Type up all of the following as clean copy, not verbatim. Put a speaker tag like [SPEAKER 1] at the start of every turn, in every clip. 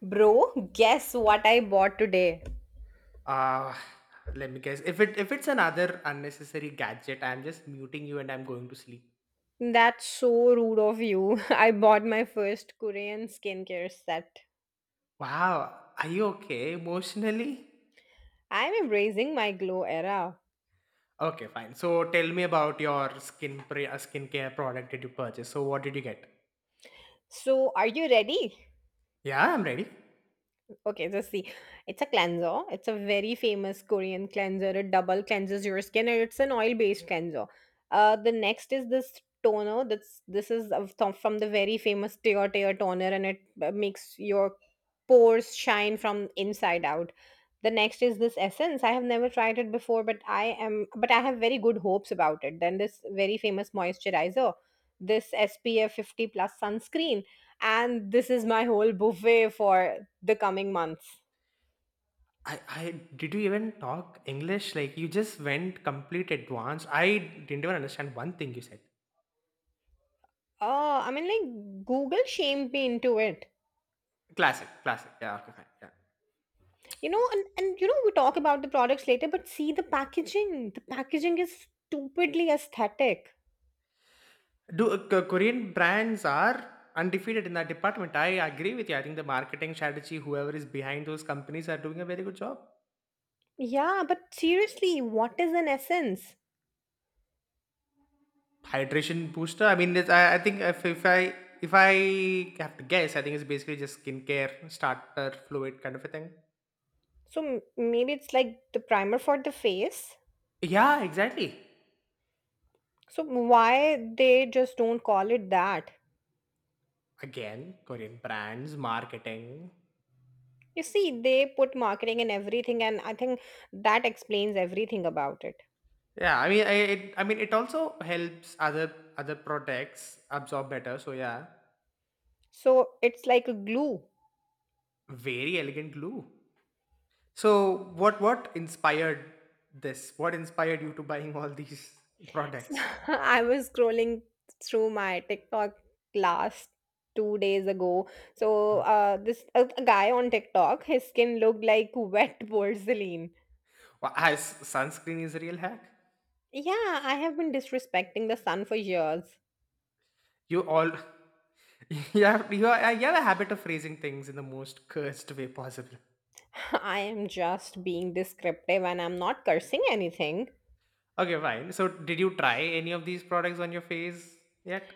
[SPEAKER 1] Bro, guess what I bought today?
[SPEAKER 2] Uh Let me guess. If it's another unnecessary gadget, I'm just muting you and I'm going to sleep.
[SPEAKER 1] That's so rude of you. I bought my first Korean skincare set.
[SPEAKER 2] Wow, are you okay emotionally?
[SPEAKER 1] I'm embracing my glow era.
[SPEAKER 2] Okay, fine. So tell me about your skincare product that you purchased. So what did you get?
[SPEAKER 1] So, are you ready?
[SPEAKER 2] Yeah, I'm ready.
[SPEAKER 1] Okay, so see, it's a cleanser. It's a very famous Korean cleanser. It double cleanses your skin, and it's an oil-based cleanser. The next is this toner. That's this is of- to- From the very famous Tear Tear toner, and it makes your pores shine from inside out. The next is this essence. I have never tried it before, but I am, but I have very good hopes about it. Then this very famous moisturizer, this SPF 50 plus sunscreen, and this is my whole buffet for the coming months.
[SPEAKER 2] I Did you even talk English? Like you just went complete advanced. I didn't even understand one thing you said.
[SPEAKER 1] Google shamed me into it.
[SPEAKER 2] Classic, classic. Yeah, okay, fine. Yeah.
[SPEAKER 1] And we talk about the products later, but see the packaging. The packaging is stupidly aesthetic.
[SPEAKER 2] Do Korean brands are undefeated in that department? I agree with you. I think the marketing strategy, whoever is behind those companies, are doing a very good job.
[SPEAKER 1] Yeah, but seriously, what is an essence?
[SPEAKER 2] Hydration booster. I mean, it's, I think if I have to guess, I think it's basically just skincare starter fluid kind of a thing.
[SPEAKER 1] So maybe it's like the primer for the face.
[SPEAKER 2] Yeah, exactly.
[SPEAKER 1] So why they just don't call it that?
[SPEAKER 2] Again, Korean brands, marketing.
[SPEAKER 1] You see, they put marketing in everything, and I think that explains everything about it.
[SPEAKER 2] Yeah, I mean, it also helps other products absorb better. So yeah,
[SPEAKER 1] So it's like a glue.
[SPEAKER 2] very elegant glue. So what inspired this? What inspired you to buying all these products?
[SPEAKER 1] I was scrolling through my TikTok last 2 days ago. So, this a guy on TikTok, his skin looked like wet porcelain.
[SPEAKER 2] As sunscreen is a real hack.
[SPEAKER 1] Yeah, I have been disrespecting the sun for years.
[SPEAKER 2] You all you have a habit of phrasing things in the most cursed way possible.
[SPEAKER 1] I am just being descriptive and I'm not cursing anything.
[SPEAKER 2] Okay, fine. So did you try any of these products on your face yet?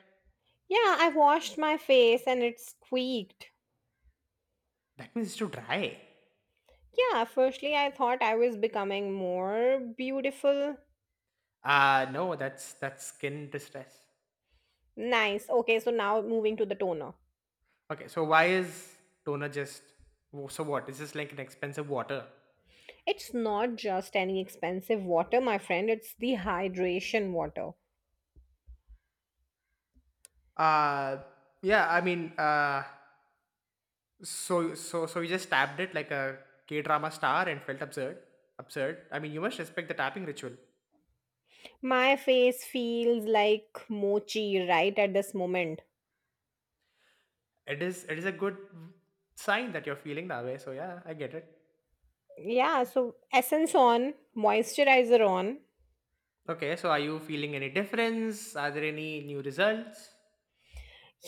[SPEAKER 1] Yeah, I washed my face and it squeaked.
[SPEAKER 2] That means it's too dry.
[SPEAKER 1] Yeah, firstly, I thought I was becoming more beautiful.
[SPEAKER 2] No, that's skin distress.
[SPEAKER 1] Nice. Okay, so now moving to the toner.
[SPEAKER 2] Okay, so why is toner just so what? Is this like an expensive water?
[SPEAKER 1] It's not just any expensive water, my friend, it's the hydration water.
[SPEAKER 2] Uh yeah, I mean, so you just tapped it like a K-drama star and felt absurd. Absurd. I mean, you must respect the tapping ritual.
[SPEAKER 1] My face feels like mochi right at this moment.
[SPEAKER 2] It is a good sign that you're feeling that way. So yeah, I get it.
[SPEAKER 1] Yeah, so essence on, moisturizer on.
[SPEAKER 2] Okay, so are you feeling any difference? Are there any new results?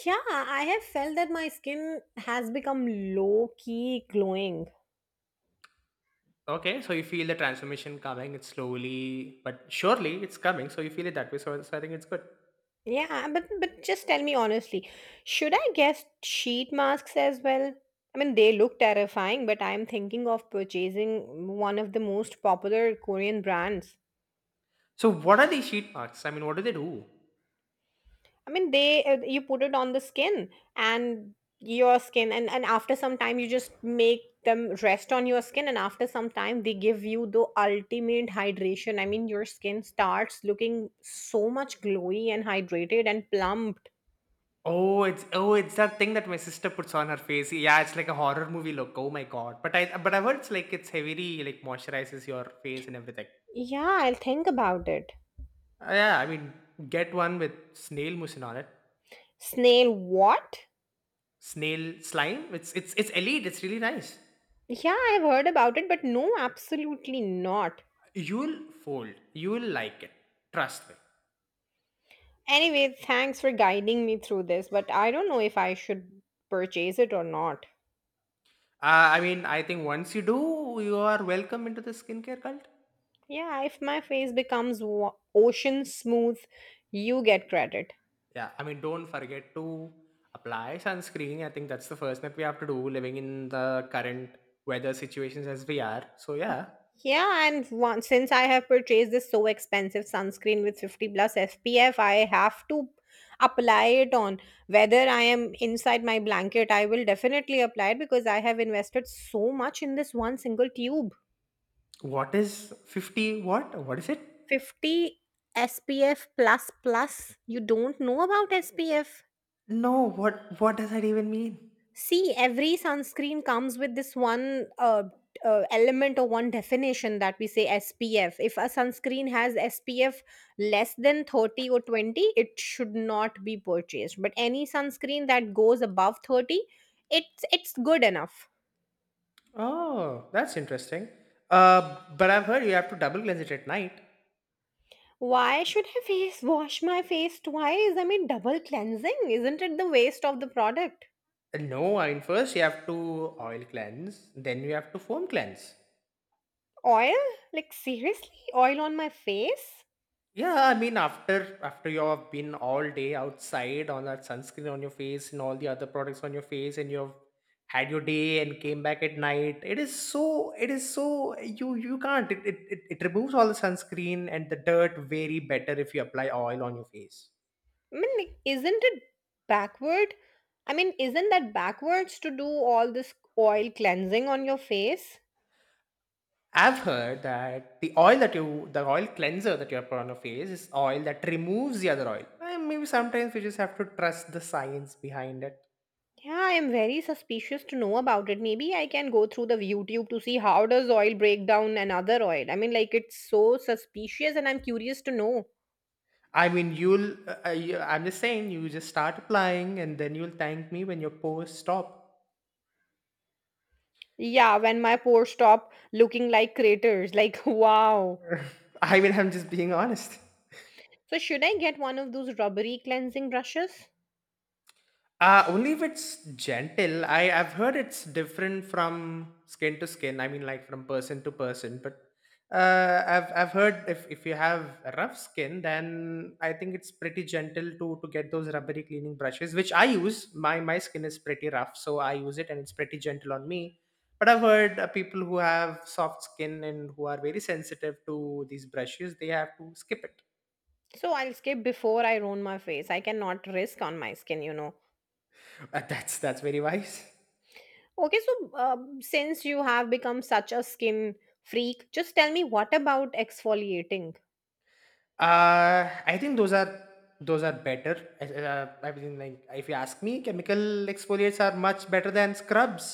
[SPEAKER 1] Yeah, I have felt that my skin has become low key glowing.
[SPEAKER 2] Okay, so you feel the transformation coming. It's slowly, but surely it's coming. So you feel it that way. So, I think it's good.
[SPEAKER 1] Yeah, but just tell me honestly, should I guess sheet masks as well? I mean, they look terrifying, but I'm thinking of purchasing one of the most popular Korean brands.
[SPEAKER 2] So what are these sheet marks? I mean, what do they do?
[SPEAKER 1] I mean, they you put it on the skin and your skin, and after some time, you just make them rest on your skin, and after some time, they give you the ultimate hydration. I mean, your skin starts looking so much glowy and hydrated and plumped.
[SPEAKER 2] Oh, it's that thing that my sister puts on her face. Yeah, it's like a horror movie look. Oh my god! But I've heard it's like it's heavily moisturizes your face and everything.
[SPEAKER 1] Yeah, I'll think about it.
[SPEAKER 2] Yeah, I mean, get one with snail mucin on it.
[SPEAKER 1] Snail what?
[SPEAKER 2] Snail slime. It's elite. It's really nice.
[SPEAKER 1] Yeah, I've heard about it, but no, absolutely not.
[SPEAKER 2] You'll fold. You'll like it. Trust me.
[SPEAKER 1] Anyway, thanks for guiding me through this, but I don't know if I should purchase it or not.
[SPEAKER 2] I mean, I think once you do, you are welcome into the skincare cult.
[SPEAKER 1] Yeah, if my face becomes ocean smooth, you get credit.
[SPEAKER 2] Yeah, I mean, don't forget to apply sunscreen. I think that's the first that we have to do living in the current weather situations as we are. So yeah,
[SPEAKER 1] Yeah, and one, since I have purchased this so expensive sunscreen with 50 plus SPF, I have to apply it on. Whether I am inside my blanket, I will definitely apply it because I have invested so much in this one single tube.
[SPEAKER 2] what is 50 what? What is it?
[SPEAKER 1] 50 SPF plus plus. You don't know about SPF.
[SPEAKER 2] No, what does that even mean?
[SPEAKER 1] See, every sunscreen comes with this one element or one definition that we say SPF. If a sunscreen has SPF less than 30 or 20, it should not be purchased. But any sunscreen that goes above 30, it's good enough.
[SPEAKER 2] Oh, that's interesting. But I've heard you have to double cleanse it at night.
[SPEAKER 1] Why should I face wash my face twice? I mean, double cleansing. Isn't it the waste of the product?
[SPEAKER 2] No, I mean first you have to oil cleanse, then you have to foam cleanse.
[SPEAKER 1] Oil? Like seriously, oil on my face?
[SPEAKER 2] Yeah, I mean after you have been all day outside on that sunscreen on your face and all the other products on your face and you've had your day and came back at night, it is so you can't it removes all the sunscreen and the dirt very better if you apply oil on your face.
[SPEAKER 1] I mean, like, isn't it backward? I mean, isn't that backwards to do all this oil cleansing on your face?
[SPEAKER 2] I've heard that the oil cleanser that you have put on your face is oil that removes the other oil. And maybe sometimes we just have to trust the science behind it.
[SPEAKER 1] Yeah, I am very suspicious to know about it. Maybe I can go through the YouTube to see how does oil break down another oil. I mean, like it's so suspicious and I'm curious to know.
[SPEAKER 2] I mean, you'll. I'm just saying, you just start applying, and then you'll thank me when your posts stop.
[SPEAKER 1] Yeah, when my pores stop looking like craters, like wow.
[SPEAKER 2] I mean, I'm just being honest.
[SPEAKER 1] So should I get one of those rubbery cleansing brushes?
[SPEAKER 2] Only if it's gentle. I've heard it's different from skin to skin. I mean, like from person to person. But I've heard if you have rough skin, then I think it's pretty gentle to get those rubbery cleaning brushes, which I use. My skin is pretty rough, so I use it and it's pretty gentle on me. But I've heard people who have soft skin and who are very sensitive to these brushes, they have to skip it.
[SPEAKER 1] So I'll skip before I ruin my face. I cannot risk on my skin, you know.
[SPEAKER 2] That's very wise.
[SPEAKER 1] Okay, so since you have become such a skin freak, just tell me what about exfoliating?
[SPEAKER 2] I think those are better. I mean, like if you ask me, chemical exfoliates are much better than scrubs.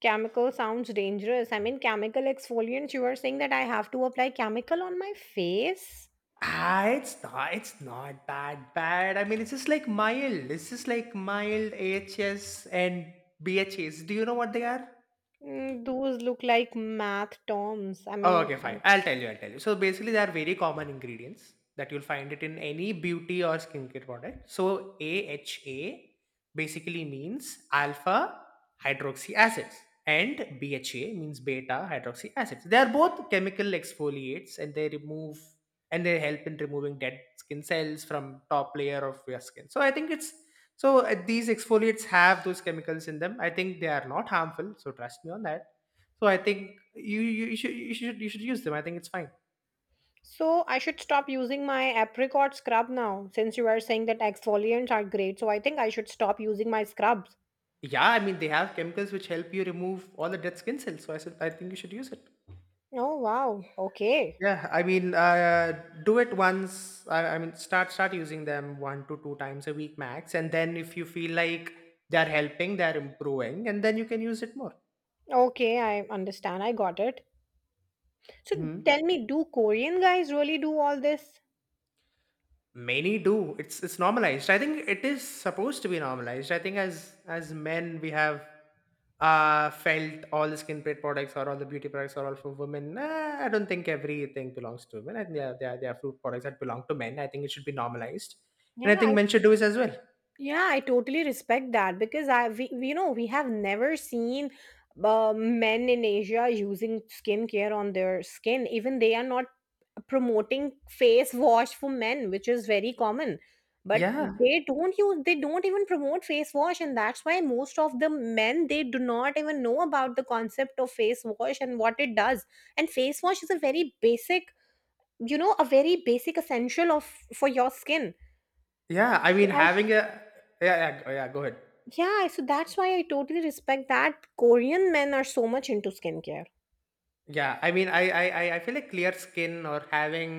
[SPEAKER 1] Chemical sounds dangerous. I mean, chemical exfoliants, you are saying that I have to apply chemical on my face?
[SPEAKER 2] Ah, it's not. It's not that bad. I mean, it's just like mild. It's just like mild AHS and BHAs. Do you know what they are?
[SPEAKER 1] Mm, those look like math terms. I
[SPEAKER 2] Oh, okay, fine.
[SPEAKER 1] mean,
[SPEAKER 2] I'll tell you. I'll tell you. So basically, there are very common ingredients that you'll find it in any beauty or skincare product. So AHA basically means alpha hydroxy acids, and BHA means beta hydroxy acids. They are both chemical exfoliates, and they remove and they help in removing dead skin cells from top layer of your skin. So I think it's so these exfoliates have those chemicals in them. I think they are not harmful. So trust me on that, so I think you should use them. I think it's fine.
[SPEAKER 1] so I should stop using my apricot scrub now since you are saying that exfoliants are great. So I think I should stop using my scrubs.
[SPEAKER 2] Yeah, I mean they have chemicals which help you remove all the dead skin cells. So I said I think you should use it.
[SPEAKER 1] Oh, wow. Okay.
[SPEAKER 2] Yeah, I mean do it once. I mean start using them one to two times a week max, and then if you feel like they're helping, they're improving, and then you can use it more.
[SPEAKER 1] Okay, I understand. I got it. So
[SPEAKER 2] Mhm.
[SPEAKER 1] tell me, do Korean guys really do all this?
[SPEAKER 2] Many do. It's normalized. I think it is supposed to be normalized. I think as men we have felt all the skin plate products or all the beauty products are all for women. Nah, I don't think everything belongs to women. I think there are fruit products that belong to men. I think it should be normalized and
[SPEAKER 1] Yeah,
[SPEAKER 2] I
[SPEAKER 1] I,
[SPEAKER 2] think men should do it as well.
[SPEAKER 1] yeah, I totally respect that because you know, we have never seen men in Asia using skincare on their skin. Even they are not promoting face wash for men, which is very common. But
[SPEAKER 2] Yeah,
[SPEAKER 1] they don't use, they don't even promote face wash, and that's why most of the men they do not even know about the concept of face wash and what it does. And face wash is a very basic, you know, a very basic essential of for your skin.
[SPEAKER 2] yeah, I
[SPEAKER 1] So
[SPEAKER 2] mean
[SPEAKER 1] I,
[SPEAKER 2] having a. Yeah, yeah, yeah, go ahead.
[SPEAKER 1] yeah, so that's why I totally respect that Korean men are so much into skincare.
[SPEAKER 2] Yeah, I mean, I feel like clear skin or having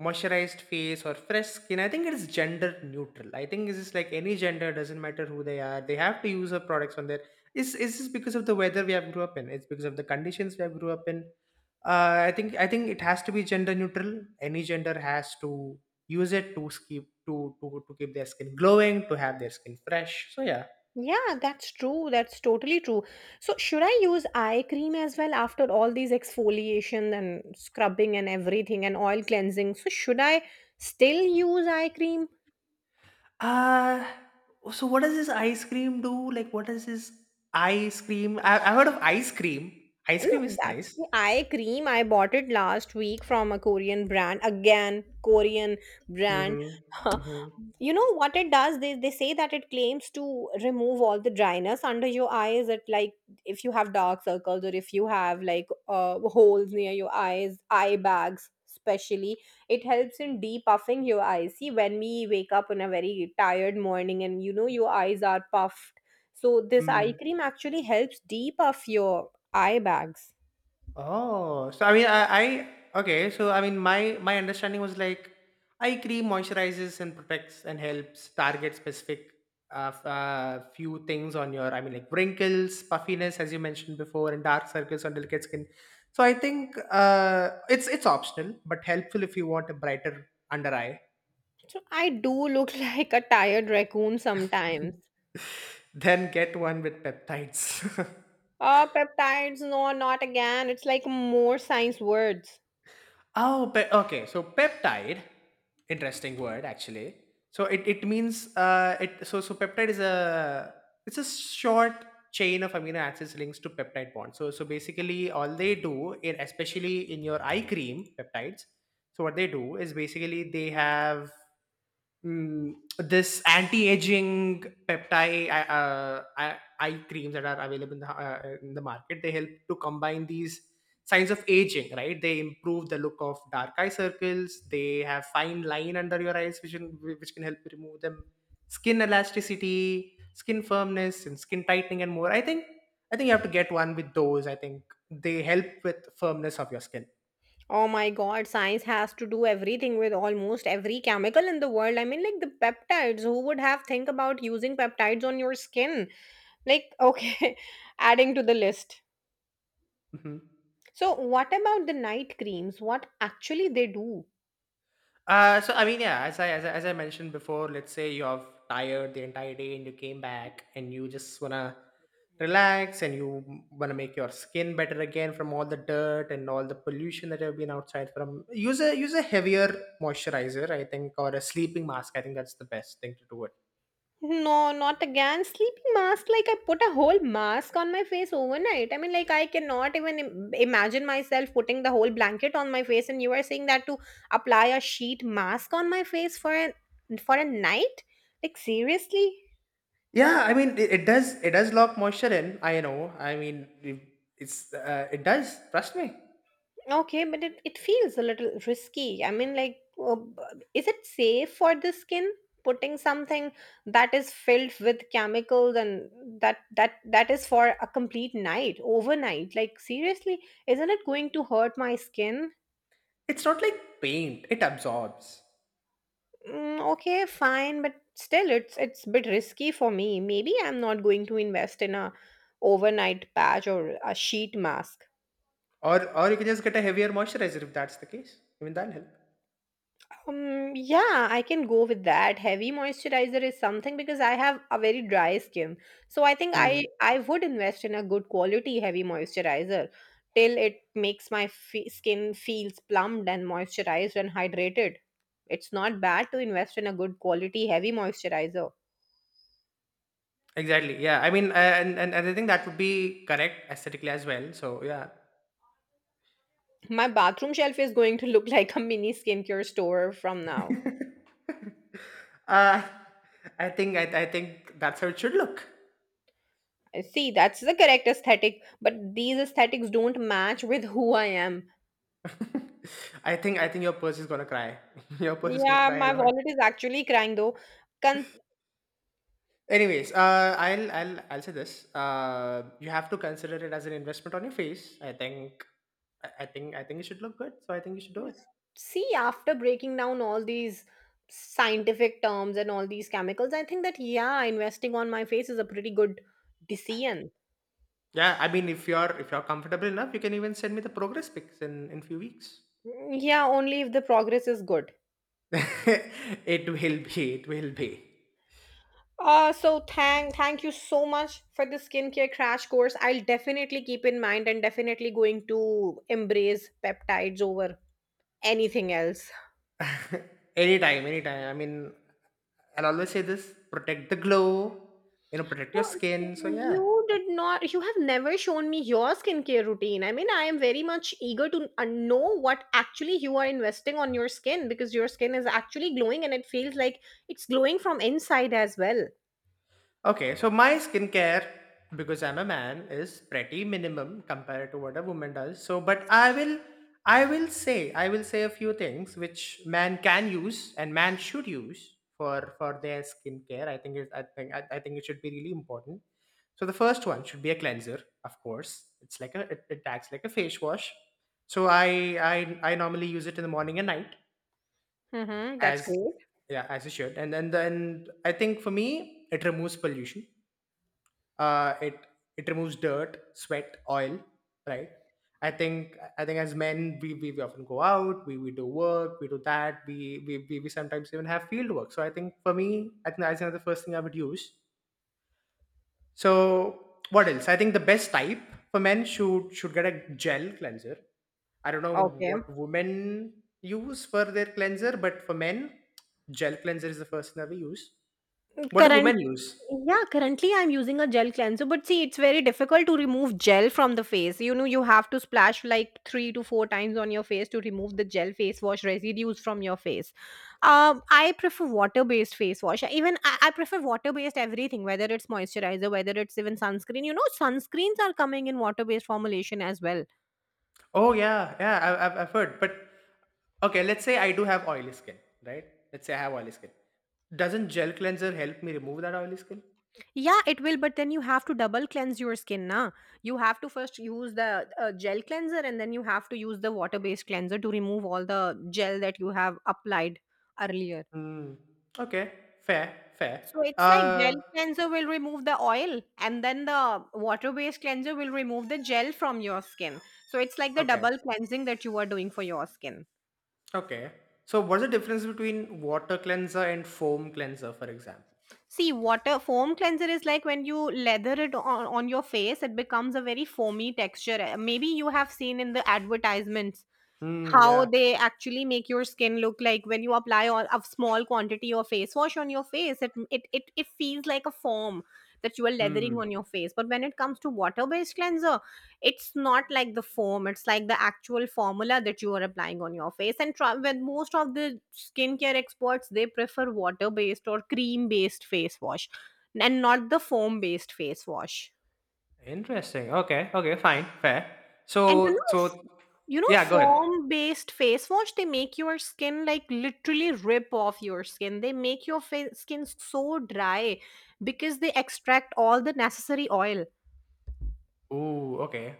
[SPEAKER 2] moisturized face or fresh skin, I think it is gender neutral. I think it's just like any gender, doesn't matter who they are, they have to use her products on their. It's just because of the weather we have grew up in. It's because of the conditions we have grew up in. I think it has to be gender neutral. Any gender has to use it to keep their skin glowing, to have their skin fresh. So yeah,
[SPEAKER 1] Yeah, that's true. That's totally true. So should I use eye cream as well after all these exfoliation and scrubbing and everything and oil cleansing? So should I still use eye cream?
[SPEAKER 2] uh so what does this ice cream do? Like, what is this ice cream? I heard of ice cream. Ice cream
[SPEAKER 1] No,
[SPEAKER 2] is
[SPEAKER 1] that's
[SPEAKER 2] nice.
[SPEAKER 1] the eye cream. I bought it last week from a Korean brand. Again, Korean brand.
[SPEAKER 2] Mhm. Mhm.
[SPEAKER 1] You know what it does? They say that it claims to remove all the dryness under your eyes. It like if you have dark circles or if you have like holes near your eyes, eye bags especially, it helps in depuffing your eyes. See, when we wake up on a very tired morning and you know your eyes are puffed. So this eye
[SPEAKER 2] Mm.
[SPEAKER 1] cream actually helps depuff your eye bags.
[SPEAKER 2] Oh, so I mean, I okay. So I mean, my understanding was like, eye cream moisturizes and protects and helps target specific few things on your. I mean, like wrinkles, puffiness, as you mentioned before, and dark circles on delicate skin. So I think it's optional, but helpful if you want a brighter under eye.
[SPEAKER 1] So I do look like a tired raccoon sometimes.
[SPEAKER 2] Then get one with peptides.
[SPEAKER 1] Oh, peptides, no, not again. It's like more science words.
[SPEAKER 2] Okay. So peptide, interesting word actually. So it means it so so peptide is a, it's a short chain of amino acids links to peptide bonds. So basically all they do in, especially in your eye cream peptides. So what they do is basically they have. Mm, this anti-aging peptide eye creams that are available in the, market they help to combine these signs of aging, right? They improve the look of dark eye circles. They have fine line under your eyes which can, help remove them. Skin elasticity, skin firmness, and skin tightening and more, I think. I think you have to get one with those. I think they help with firmness of your skin.
[SPEAKER 1] Oh my god, science has to do everything with almost every chemical in the world. I mean, like the peptides, who would have think about using peptides on your skin? Like, okay, adding to the list.
[SPEAKER 2] Mhm.
[SPEAKER 1] So what about the night creams? What actually they do?
[SPEAKER 2] So I mean, yeah, as I mentioned before, let's say you're tired the entire day and you came back and you just wanna relax and you wanna make your skin better again from all the dirt and all the pollution that have been outside from. Use a heavier moisturizer, I think, or a sleeping mask. I think that's the best thing to do it.
[SPEAKER 1] No, not again. Sleeping mask. Like I put a whole mask on my face overnight. I mean, like I cannot even imagine myself putting the whole blanket on my face. And you are saying that to apply a sheet mask on my face for a night? Like seriously?
[SPEAKER 2] Yeah, I mean, it does lock moisture in. I know. I mean, it does. Trust me,
[SPEAKER 1] Okay, but it feels a little risky. I mean, like, is it safe for the skin putting something that is filled with chemicals and that is for a complete night, overnight? Like, seriously, isn't it going to hurt my skin?
[SPEAKER 2] it's not like paint. It absorbs.
[SPEAKER 1] Mm, okay, fine, but still, it's a bit risky for me. Maybe I'm not going to invest in a overnight patch or a sheet mask.
[SPEAKER 2] Or you can just get a heavier moisturizer if that's the case. Even that'll help.
[SPEAKER 1] Yeah, I can go with that. Heavy moisturizer is something because I have a very dry skin. So I think I
[SPEAKER 2] Hmm.
[SPEAKER 1] I would invest in a good quality heavy moisturizer till it makes my fe skin feels plumped and moisturized and hydrated. It's not bad to invest in a good quality heavy moisturizer.
[SPEAKER 2] Exactly. Yeah. I mean, and I think that would be correct aesthetically as well. So yeah,
[SPEAKER 1] My bathroom shelf is going to look like a mini skincare store from now.
[SPEAKER 2] uh, I think that's how it should look.
[SPEAKER 1] I see, that's the correct aesthetic, but these aesthetics don't match with who I am.
[SPEAKER 2] I think your purse is gonna cry. Your purse is gonna
[SPEAKER 1] Yeah,
[SPEAKER 2] cry
[SPEAKER 1] my
[SPEAKER 2] along.
[SPEAKER 1] wallet is actually crying though. Con-
[SPEAKER 2] Anyways, I'll say this. You have to consider it as an investment on your face. I think it should look good. So I think you should do it.
[SPEAKER 1] See, after breaking down all these scientific terms and all these chemicals, I think that yeah, investing on my face is a pretty good decision.
[SPEAKER 2] Yeah, I mean, if you're comfortable enough, you can even send me the progress pics in few weeks.
[SPEAKER 1] Mm, yeah, only if the progress is good.
[SPEAKER 2] it will be. It will be.
[SPEAKER 1] So thank you so much for the skincare crash course. I'll definitely keep in mind and definitely going to embrace peptides over anything else.
[SPEAKER 2] Anytime, anytime. I mean, I'll always say this: protect the glow. You know, protect your
[SPEAKER 1] So,
[SPEAKER 2] skin. So yeah.
[SPEAKER 1] you did not, You have never shown me your skincare routine. I mean, I am very much eager to know what actually you are investing on your skin because your skin is actually glowing and it feels like it's glowing from inside as well.
[SPEAKER 2] Okay, so my skincare, because I'm a man, is pretty minimum compared to what a woman does. So, but I will say a few things which man can use and man should use for their skincare. I think it should be really important. So the first one should be a cleanser, of course. It's like it acts like a face wash. So I normally use it in the morning and night,
[SPEAKER 1] Mm-hmm, that's
[SPEAKER 2] as
[SPEAKER 1] great.
[SPEAKER 2] yeah as you should. And then I think for me it removes pollution, it removes dirt, sweat, oil, right? I think as men, we often go out, we do work, we do that, we sometimes even have field work. So I think for me, I think that's another first thing I would use. So what else? I think the best type for men should get a gel cleanser. I don't know
[SPEAKER 1] Okay.
[SPEAKER 2] what women use for their cleanser, but for men, gel cleanser is the first thing that we use. What do
[SPEAKER 1] Current
[SPEAKER 2] women use?
[SPEAKER 1] Yeah, currently I'm using a gel cleanser, but see, it's very difficult to remove gel from the face. You know, you have to splash like 3 to 4 times on your face to remove the gel face wash residues from your face. I prefer water-based face wash. Even I prefer water-based everything, whether it's moisturizer, whether it's even sunscreen. You know, sunscreens are coming in water-based formulation as well.
[SPEAKER 2] Oh yeah, yeah. I've heard. But okay, let's say I do have oily skin, right? Let's say I have oily skin. Doesn't gel cleanser help me remove that oily skin?
[SPEAKER 1] Yeah, it will, but then you have to double cleanse your skin, na. You have to first use the gel cleanser and then you have to use the water based cleanser to remove all the gel that you have applied earlier.
[SPEAKER 2] Hmm. Okay. Fair. Fair.
[SPEAKER 1] So it's like gel
[SPEAKER 2] Uh.
[SPEAKER 1] cleanser will remove the oil and then the water based cleanser will remove the gel from your skin. So it's like the
[SPEAKER 2] Okay.
[SPEAKER 1] double cleansing that you are doing for your skin.
[SPEAKER 2] Okay. So what's the difference between water cleanser and foam cleanser, for example?
[SPEAKER 1] See, water foam cleanser is like when you leather it on your face, it becomes a very foamy texture. Maybe you have seen in the advertisements
[SPEAKER 2] Hmm.
[SPEAKER 1] how
[SPEAKER 2] Yeah.
[SPEAKER 1] they actually make your skin look like when you apply on a small quantity of face wash on your face it feels like a foam that you are leathering
[SPEAKER 2] Hmm.
[SPEAKER 1] on your face. But when it comes to water based cleanser, it's not like the foam, it's like the actual formula that you are applying on your face. And when most of the skincare experts, they prefer water based or cream based face wash and not the foam based face wash.
[SPEAKER 2] Interesting. Okay. Okay. Fine. Fair.
[SPEAKER 1] And you
[SPEAKER 2] So.
[SPEAKER 1] know
[SPEAKER 2] So.
[SPEAKER 1] You know,
[SPEAKER 2] Yeah. Go ahead.
[SPEAKER 1] Foam based face wash, they make your skin like literally rip off your skin. They make your face, skin so dry because they extract all the necessary oil.
[SPEAKER 2] Ooh. Okay.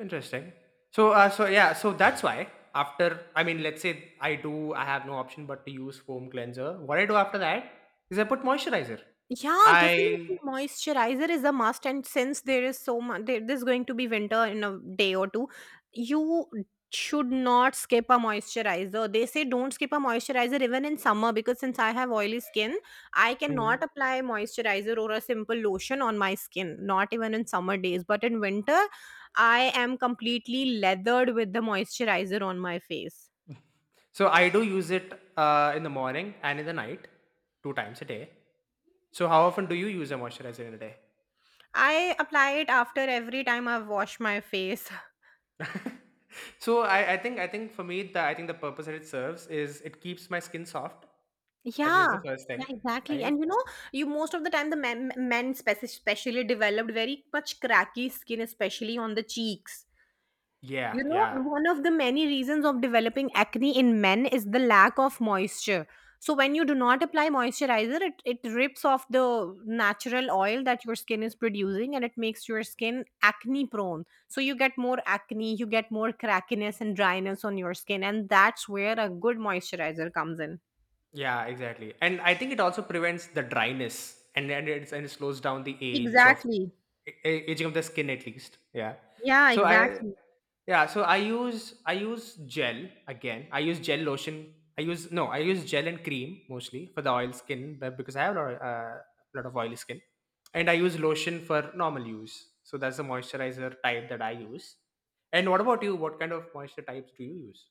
[SPEAKER 2] Interesting. So that's why, after I mean, let's say I do, I have no option but to use foam cleanser. What I do after that is I put moisturizer.
[SPEAKER 1] Yeah, definitely
[SPEAKER 2] I.
[SPEAKER 1] moisturizer is a must, and since there is so much there, there's going to be winter in a day or two, you should not skip a moisturizer. They say don't skip a moisturizer even in summer. Because since I have oily skin, I cannot
[SPEAKER 2] Mhm.
[SPEAKER 1] apply moisturizer or a simple lotion on my skin, not even in summer days, but in winter I am completely leathered with the moisturizer on my face.
[SPEAKER 2] So I do use it in the morning and in the night, two times a day. So how often do you use a moisturizer in a day?
[SPEAKER 1] I apply it after every time I wash my face.
[SPEAKER 2] So I think for me, the I think the purpose that it serves is it keeps my skin soft. I think
[SPEAKER 1] Yeah,
[SPEAKER 2] that's the first
[SPEAKER 1] yeah,
[SPEAKER 2] thing,
[SPEAKER 1] exactly.
[SPEAKER 2] right?
[SPEAKER 1] And you know, you most of the time the especially developed very much cracky skin, especially on the cheeks.
[SPEAKER 2] Yeah,
[SPEAKER 1] You
[SPEAKER 2] yeah.
[SPEAKER 1] know, one of the many reasons of developing acne in men is the lack of moisture. So when you do not apply moisturizer, it rips off the natural oil that your skin is producing and it makes your skin acne prone. So you get more acne, you get more crackiness and dryness on your skin, and that's where a good moisturizer comes in.
[SPEAKER 2] Yeah, exactly. And I think it also prevents the dryness, and and it slows down the age of
[SPEAKER 1] Exactly.
[SPEAKER 2] a- aging of the skin at least. Yeah.
[SPEAKER 1] Yeah,
[SPEAKER 2] So I
[SPEAKER 1] exactly.
[SPEAKER 2] yeah, so I use, gel lotion. I use no, I use gel and cream mostly for the oil skin, but because I have a lot of, oily skin. And I use lotion for normal use. So that's the moisturizer type that I use. And what about you? What kind of moisture types do you use?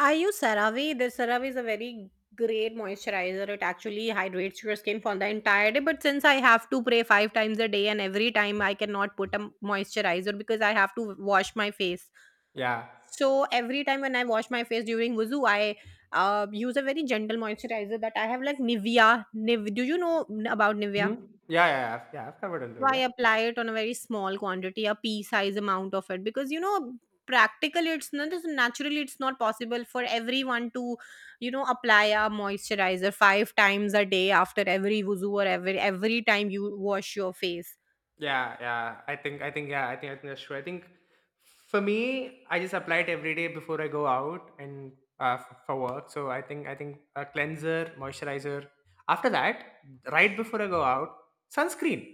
[SPEAKER 1] I use CeraVe. This CeraVe is a very great moisturizer. It actually hydrates your skin for the entire day. But since I have to pray five times a day and every time I cannot put a moisturizer because I have to wash my face.
[SPEAKER 2] Yeah.
[SPEAKER 1] So every time when I wash my face during wuzu, I use a very gentle moisturizer that I have, like Nivea. Do you know about Nivea?
[SPEAKER 2] Hmm. Yeah, yeah, yeah. I've- yeah, I've covered a
[SPEAKER 1] So
[SPEAKER 2] little,
[SPEAKER 1] I
[SPEAKER 2] yeah.
[SPEAKER 1] apply it on a very small quantity, a pea size amount of it, because you know, practically it's not it's naturally it's not possible for everyone to, you know, apply a moisturizer five times a day after every wuzu or every time you wash your face.
[SPEAKER 2] Yeah, yeah. I think that's true. I think for me, I just apply it every day before I go out and for work. So I think a cleanser, moisturizer. After that, right before I go out, sunscreen.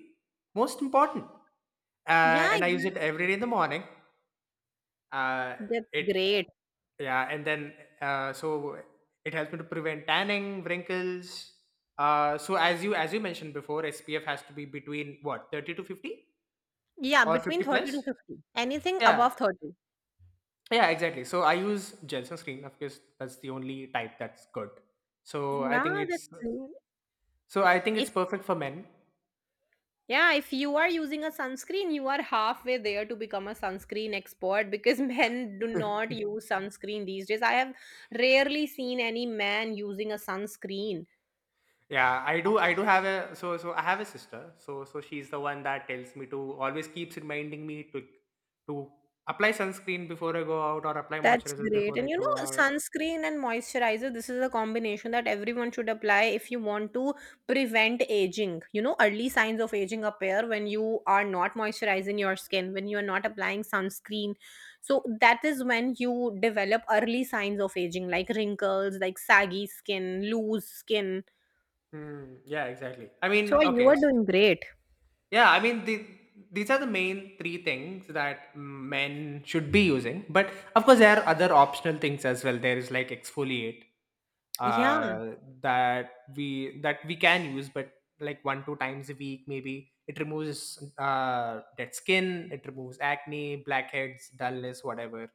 [SPEAKER 2] Most important.
[SPEAKER 1] Yeah,
[SPEAKER 2] And I use
[SPEAKER 1] that-
[SPEAKER 2] it every day in the morning. Uh,
[SPEAKER 1] that's
[SPEAKER 2] it
[SPEAKER 1] great.
[SPEAKER 2] Yeah, and then, uh, so it helps me to prevent tanning, wrinkles. So as you mentioned before, SPF has to be between what, 30 to 50.
[SPEAKER 1] Yeah,
[SPEAKER 2] Or
[SPEAKER 1] between
[SPEAKER 2] 50
[SPEAKER 1] 30 to
[SPEAKER 2] plus?
[SPEAKER 1] 50. Anything
[SPEAKER 2] Yeah.
[SPEAKER 1] above 30.
[SPEAKER 2] Yeah, exactly. So I use gel sunscreen, of course. That's the only type that's good. So I think
[SPEAKER 1] Nah, that's
[SPEAKER 2] it's,
[SPEAKER 1] great.
[SPEAKER 2] so I think
[SPEAKER 1] If
[SPEAKER 2] it's perfect for men.
[SPEAKER 1] Yeah, if you are using a sunscreen, you are halfway there to become a sunscreen expert, because men do not use sunscreen these days. I have rarely seen any man using a sunscreen.
[SPEAKER 2] Yeah, I do have a, I have a sister. She's the one that tells me to always keeps reminding me to apply sunscreen before I go out, or apply
[SPEAKER 1] That's
[SPEAKER 2] moisturizer
[SPEAKER 1] great.
[SPEAKER 2] before I
[SPEAKER 1] And you
[SPEAKER 2] go
[SPEAKER 1] know,
[SPEAKER 2] out.
[SPEAKER 1] sunscreen and moisturizer, this is a combination that everyone should apply if you want to prevent aging. You know, early signs of aging appear when you are not moisturizing your skin, when you are not applying sunscreen. So that is when you develop early signs of aging, like wrinkles, like saggy skin, loose skin.
[SPEAKER 2] Hmm. Yeah, exactly. I
[SPEAKER 1] So
[SPEAKER 2] mean,
[SPEAKER 1] you are
[SPEAKER 2] okay.
[SPEAKER 1] doing great.
[SPEAKER 2] Yeah, I mean, these are the main three things that men should be using. But of course, there are other optional things as well. There is like exfoliate,
[SPEAKER 1] Yeah.
[SPEAKER 2] uh, that we can use, but like one two times a week maybe. It removes dead skin, it removes acne, blackheads, dullness, whatever.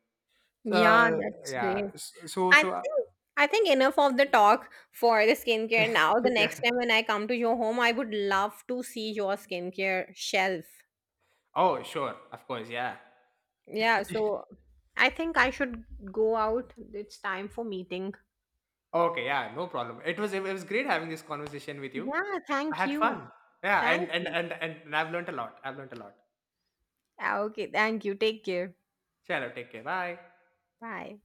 [SPEAKER 1] Yeah,
[SPEAKER 2] So
[SPEAKER 1] that's great.
[SPEAKER 2] yeah, s- so
[SPEAKER 1] I
[SPEAKER 2] so uh,
[SPEAKER 1] think I think enough of the talk for the skincare now. The
[SPEAKER 2] yeah.
[SPEAKER 1] next time when I come to your home, I would love to see your skincare shelf.
[SPEAKER 2] Oh sure, of course, yeah.
[SPEAKER 1] Yeah, so I think I should go out. It's time for meeting.
[SPEAKER 2] Okay, yeah, no problem. It was great having this conversation with you.
[SPEAKER 1] Yeah,
[SPEAKER 2] I
[SPEAKER 1] thank
[SPEAKER 2] had
[SPEAKER 1] you.
[SPEAKER 2] fun. Yeah,
[SPEAKER 1] Thank you.
[SPEAKER 2] and I've learned a lot. I've learned a lot.
[SPEAKER 1] Ah, okay, thank you. Take care.
[SPEAKER 2] Shallow, take care. Bye.
[SPEAKER 1] Bye.